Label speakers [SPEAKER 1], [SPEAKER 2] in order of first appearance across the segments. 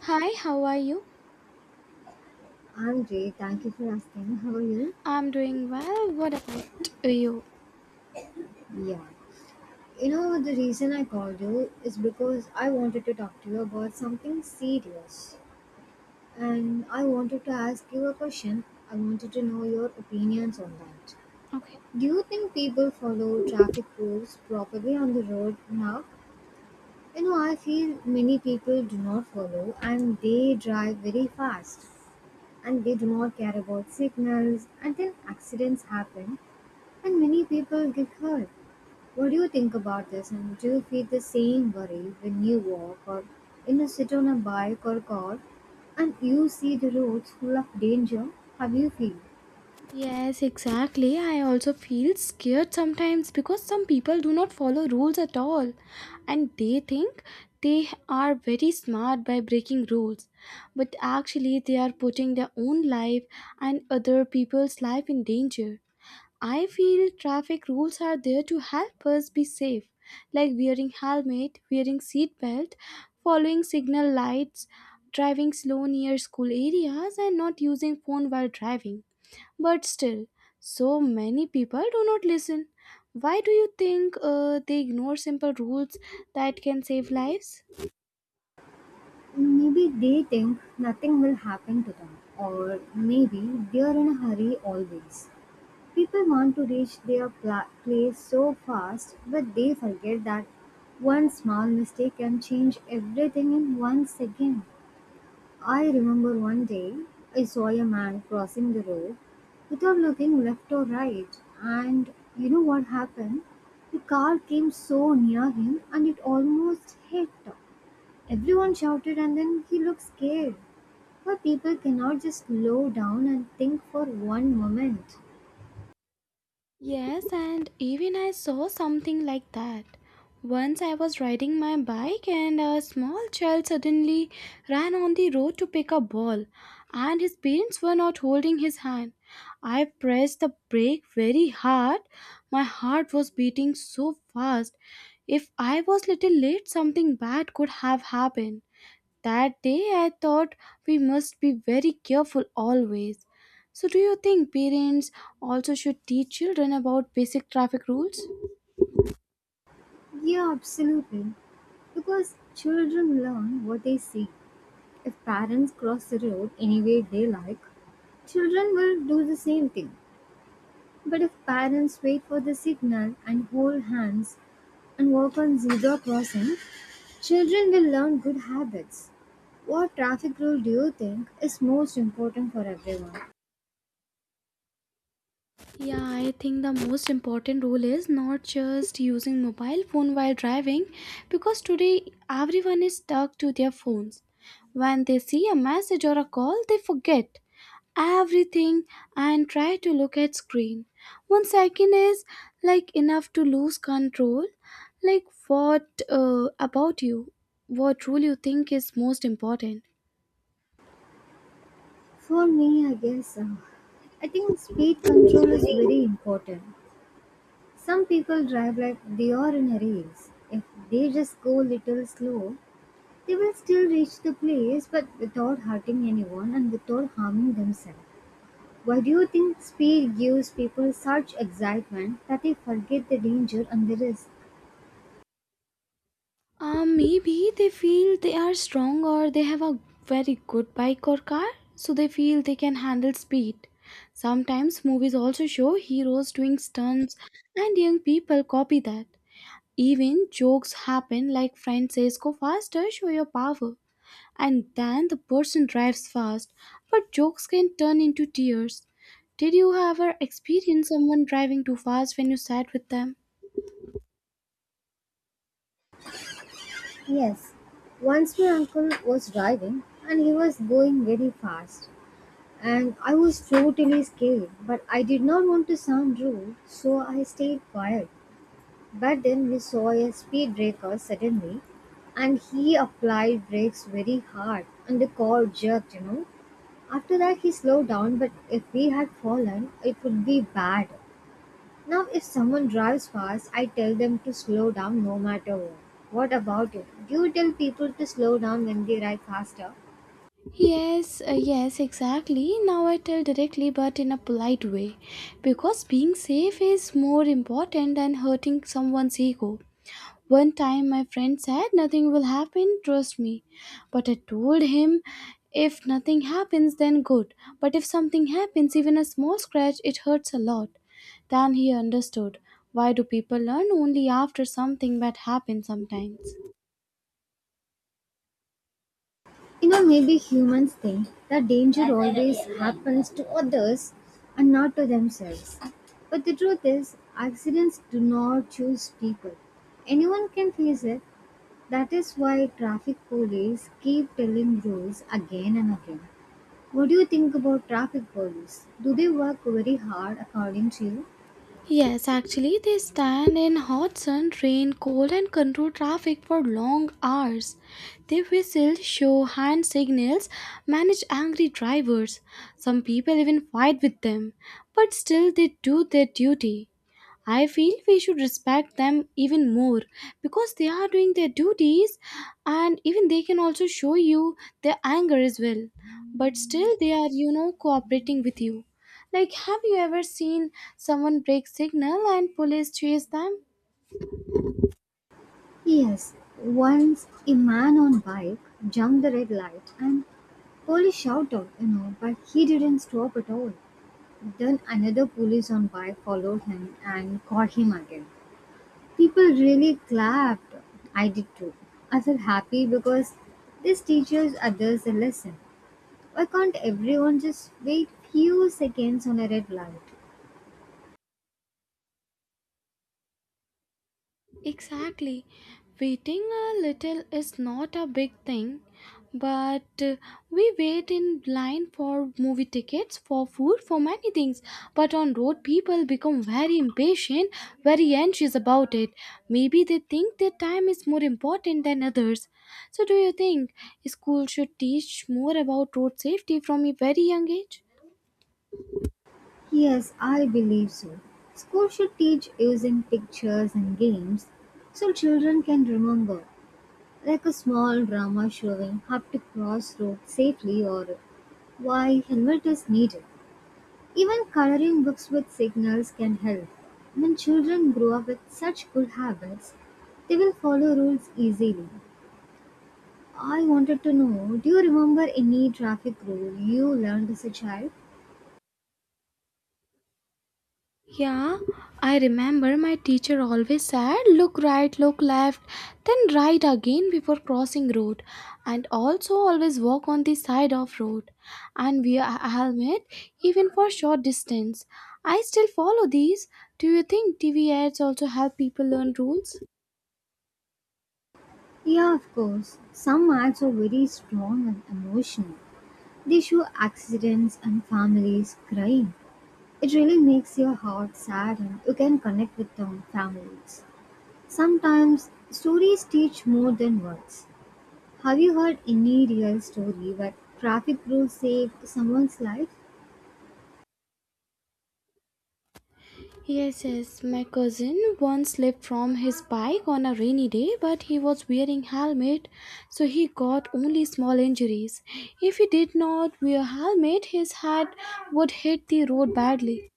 [SPEAKER 1] Hi, how are you?
[SPEAKER 2] I'm great. Thank you for asking. How are you?
[SPEAKER 1] I'm doing well. What about you?
[SPEAKER 2] Yeah. You know, the reason I called you is because I wanted to talk to you about something serious. And I wanted to ask you a question. I wanted to know your opinions on that.
[SPEAKER 1] Okay.
[SPEAKER 2] Do you think people follow traffic rules properly on the road now? You know, I feel many people do not follow and they drive very fast, and they do not care about signals, and then accidents happen and many people get hurt. What do you think about this, and do you feel the same worry when you walk or, sit on a bike or car, and you see the roads full of danger? How do you feel?
[SPEAKER 1] Yes, exactly. I also feel scared sometimes because some people do not follow rules at all and they think they are very smart by breaking rules. But actually, they are putting their own life and other people's life in danger. I feel traffic rules are there to help us be safe, like wearing helmet, wearing seat belt, following signal lights, driving slow near school areas and not using phone while driving. But still, so many people do not listen. Why do you think they ignore simple rules that can save lives?
[SPEAKER 2] Maybe they think nothing will happen to them, or maybe they are in a hurry always. People want to reach their place so fast, but they forget that one small mistake can change everything in one second. I remember one day I saw a man crossing the road without looking left or right, and you know what happened? The car came so near him and it almost hit. Everyone shouted, and then he looked scared. But people cannot just slow down and think for one moment?
[SPEAKER 1] Yes, and even I saw something like that. Once I was riding my bike and a small child suddenly ran on the road to pick a ball, and his parents were not holding his hand. I pressed the brake very hard. My heart was beating so fast. If I was little late, something bad could have happened. That day I thought we must be very careful always. So, do you think parents also should teach children about basic traffic rules?
[SPEAKER 2] Yeah, absolutely. Because children learn what they see. If parents cross the road any way they like, children will do the same thing. But if parents wait for the signal and hold hands and walk on zebra crossing, children will learn good habits. What traffic rule do you think is most important for everyone?
[SPEAKER 1] Yeah, I think the most important rule is not just using mobile phone while driving because today everyone is stuck to their phones. When they see a message or a call, they forget everything and try to look at screen. One second is like enough to lose control. Like what about you? What rule you think is most important?
[SPEAKER 2] For me, I guess I think speed control is very important. Some people drive like they are in a race. If they just go little slow, they will still reach the place but without hurting anyone and without harming themselves. Why do you think speed gives people such excitement that they forget the danger and the risk?
[SPEAKER 1] Maybe they feel they are strong or they have a very good bike or car, so they feel they can handle speed. Sometimes movies also show heroes doing stunts, and young people copy that. Even jokes happen like friend says, "Go faster, show your power." And then the person drives fast, but jokes can turn into tears. Did you ever experience someone driving too fast when you sat with them?
[SPEAKER 2] Yes, once my uncle was driving and he was going very fast, and I was totally scared, but I did not want to sound rude, so I stayed quiet. But then we saw a speed breaker suddenly, and he applied brakes very hard, and the car jerked, you know. After that, he slowed down, but if we had fallen, it would be bad. Now if someone drives fast, I tell them to slow down no matter what. What about you? Do you tell people to slow down when they ride faster?
[SPEAKER 1] Yes, exactly. Now I tell directly but in a polite way because being safe is more important than hurting someone's ego. One time my friend said, "Nothing will happen, trust me." But I told him, "If nothing happens, then good. But if something happens, even a small scratch, it hurts a lot." Then he understood. Why do people learn only after something bad happens sometimes?
[SPEAKER 2] You know, maybe humans think that danger always happens to others and not to themselves. But the truth is, accidents do not choose people. Anyone can face it. That is why traffic police keep telling rules again and again. What do you think about traffic police? Do they work very hard according to you?
[SPEAKER 1] Yes, actually, they stand in hot sun, rain, cold, and control traffic for long hours. They whistle, show hand signals, manage angry drivers. Some people even fight with them, but still they do their duty. I feel we should respect them even more because they are doing their duties and even they can also show you their anger as well. But still, they are, you know, cooperating with you. Like, have you ever seen someone break signal and police chase them?
[SPEAKER 2] Yes, once a man on bike jumped the red light and police shouted, you know, but he didn't stop at all. Then another police on bike followed him and caught him again. People really clapped. I did too. I felt happy because this teaches others a lesson. Why can't everyone just wait few seconds on a red light?
[SPEAKER 1] Exactly. Waiting a little is not a big thing, but we wait in line for movie tickets, for food, for many things. But on road, people become very impatient, very anxious about it. Maybe they think their time is more important than others. So, do you think school should teach more about road safety from a very young age?
[SPEAKER 2] Yes, I believe so. School should teach using pictures and games so children can remember, like a small drama showing how to cross road safely or why helmet is needed. Even coloring books with signals can help. When children grow up with such good habits, they will follow rules easily. I wanted to know, do you remember any traffic rule you learned as a child?
[SPEAKER 1] Yeah, I remember my teacher always said, look right, look left, then right again before crossing road, and also always walk on the side of road, and wear a helmet even for short distance. I still follow these. Do you think TV ads also help people learn rules?
[SPEAKER 2] Yeah, of course. Some ads are very strong and emotional. They show accidents and families crying. It really makes your heart sad and you can connect with the families. Sometimes stories teach more than words. Have you heard any real story where traffic rules saved someone's life?
[SPEAKER 1] Yes, yes. My cousin once slipped from his bike on a rainy day, but he was wearing helmet, so he got only small injuries. If he did not wear helmet, his head would hit the road badly.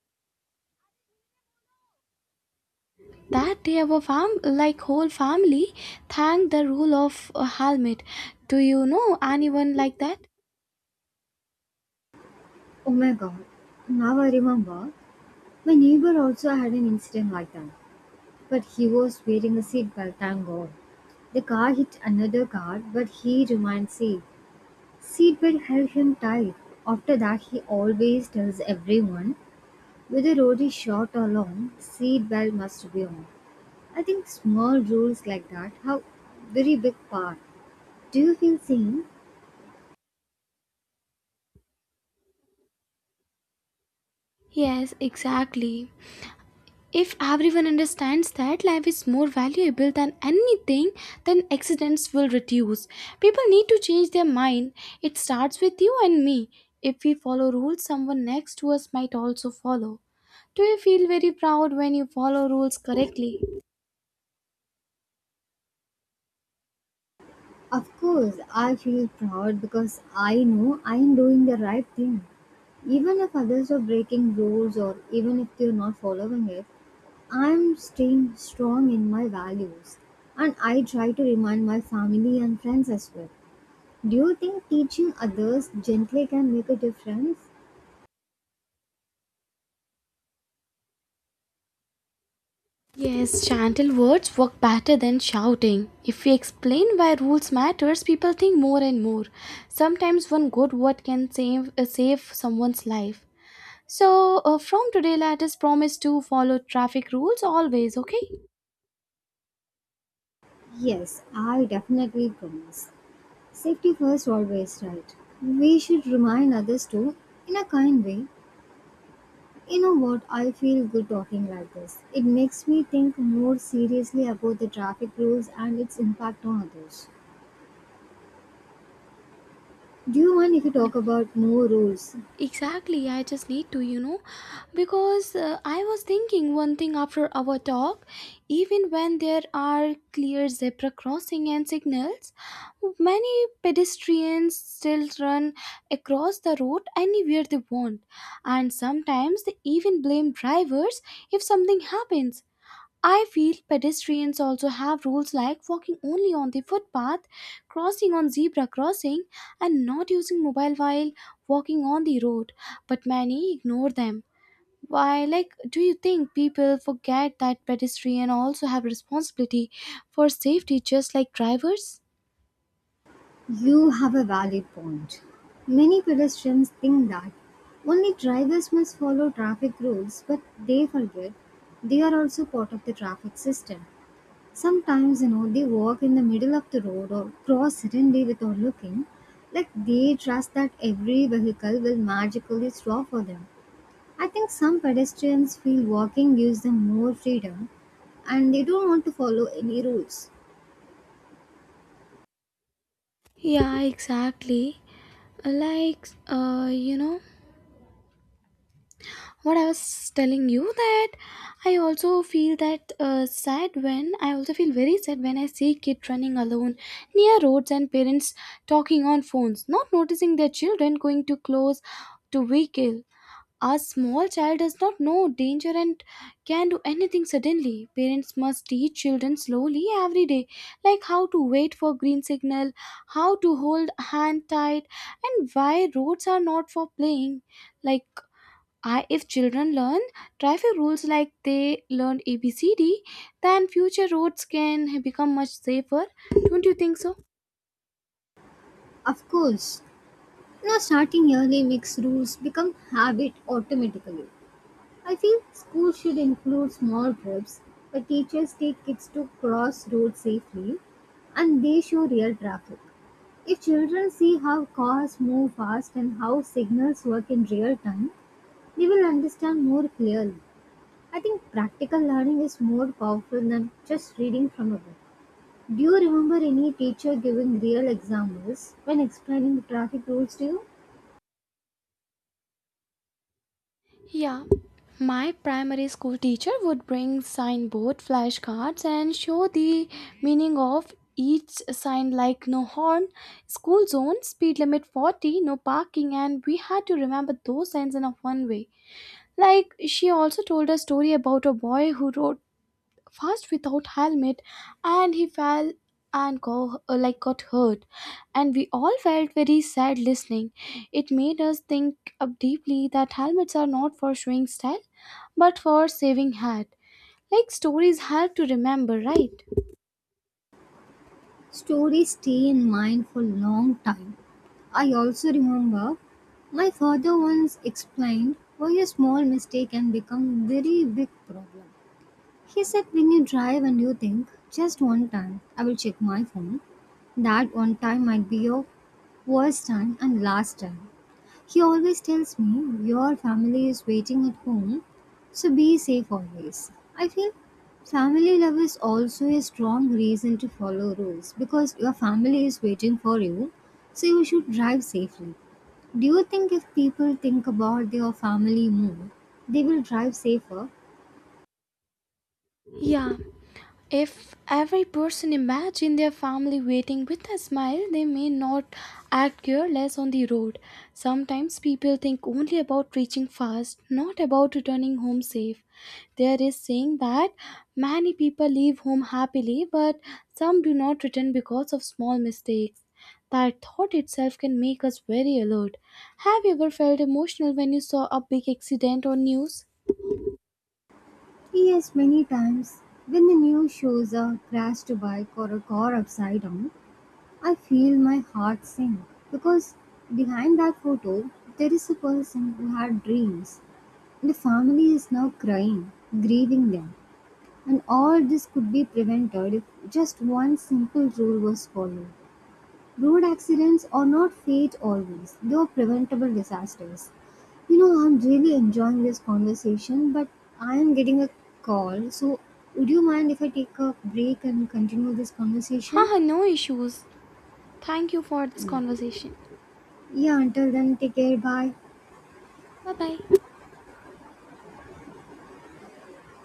[SPEAKER 1] That day, our fam, like whole family, thanked the rule of a helmet. Do you know anyone like that?
[SPEAKER 2] Oh my god. Now I remember. My neighbor also had an incident like that, but he was wearing a seatbelt, thank God. The car hit another car, but he remained safe. Seatbelt held him tight. After that, he always tells everyone, whether road is short or long, seatbelt must be on. I think small rules like that have very big part. Do you feel same?
[SPEAKER 1] Yes, exactly. If everyone understands that life is more valuable than anything, then accidents will reduce. People need to change their mind. It starts with you and me. If we follow rules, someone next to us might also follow. Do you feel very proud when you follow rules correctly?
[SPEAKER 2] Of course, I feel proud because I know I am doing the right thing. Even if others are breaking rules or even if they're not following it, I am staying strong in my values. And I try to remind my family and friends as well. Do you think teaching others gently can make a difference?
[SPEAKER 1] Yes, gentle words work better than shouting. If we explain why rules matters, people think more and more. Sometimes one good word can save someone's life. So, from today, let us promise to follow traffic rules always, okay?
[SPEAKER 2] Yes, I definitely promise. Safety first, always right. We should remind others too, in a kind way. You know what? I feel good talking like this. It makes me think more seriously about the traffic rules and its impact on others. Do you mind if you talk
[SPEAKER 1] Yeah,
[SPEAKER 2] about more rules?
[SPEAKER 1] exactly. I just need to, you know, because I was thinking one thing after our talk, even when there are clear zebra crossing and signals, many pedestrians still run across the road anywhere they want, and sometimes they even blame drivers if something happens. I feel pedestrians also have rules like walking only on the footpath, crossing on zebra crossing, and not using mobile while walking on the road, but many ignore them. Why, like, do you think people forget that pedestrians also have responsibility for safety just like drivers?
[SPEAKER 2] You have a valid point. Many pedestrians think that only drivers must follow traffic rules, but they forget they are also part of the traffic system. Sometimes, you know, they walk in the middle of the road or cross suddenly without looking, like they trust that every vehicle will magically stop for them. I think some pedestrians feel walking gives them more freedom and they don't want to follow any rules.
[SPEAKER 1] Yeah, exactly. Like, you know, what I was telling you that I also feel very sad when I see kids running alone near roads and parents talking on phones, not noticing their children going too close to vehicle. A small child does not know danger and can do anything suddenly. Parents must teach children slowly every day, like how to wait for green signal, how to hold hand tight, and why roads are not for playing. Like if children learn traffic rules like they learned ABCD, then future roads can become much safer. Don't you think so?
[SPEAKER 2] Of course, you know, starting early makes rules become habit automatically. I feel schools should include small trips where teachers take kids to cross roads safely and they show real traffic. If children see how cars move fast and how signals work in real time, they will understand more clearly. I think practical learning is more powerful than just reading from a book. Do you remember any teacher giving real examples when explaining traffic rules to you?
[SPEAKER 1] Yeah. My primary school teacher would bring signboard flashcards and show the meaning of each sign like no horn, school zone, speed limit 40, no parking, and we had to remember those signs in a one way. Like she also told a story about a boy who rode fast without helmet and he fell and like got hurt, and we all felt very sad listening. It made us think up deeply that helmets are not for showing style but for saving heart. Like stories help to remember, right?
[SPEAKER 2] Stories stay in mind for long time. I also remember my father once explained why a small mistake can become very big problem. He said, when you drive and you think just one time I will check my phone, that one time might be your worst time and last time. He always tells me, Your family is waiting at home, so be safe always. I feel family love is also a strong reason to follow rules because your family is waiting for you, so you should drive safely. Do you think if people think about their family more, they will drive safer?
[SPEAKER 1] Yeah. If every person imagine their family waiting with a smile, they may not act careless on the road. Sometimes people think only about reaching fast, not about returning home safe. There is saying that many people leave home happily, but some do not return because of small mistakes. That thought itself can make us very alert. Have you ever felt emotional when you saw a big accident or news?
[SPEAKER 2] Yes, many times. When the news shows a crashed bike or a car upside down, I feel my heart sink because behind that photo, there is a person who had dreams, and the family is now crying, grieving them. And all this could be prevented if just one simple rule was followed. Road accidents are not fate always, they are preventable disasters. You know, I'm really enjoying this conversation, but I am getting a call, so would you mind if I take a break and continue this conversation?
[SPEAKER 1] Haha, no issues. Thank you for this
[SPEAKER 2] Yeah.
[SPEAKER 1] conversation.
[SPEAKER 2] Yeah, until then, take care. Bye.
[SPEAKER 1] Bye bye.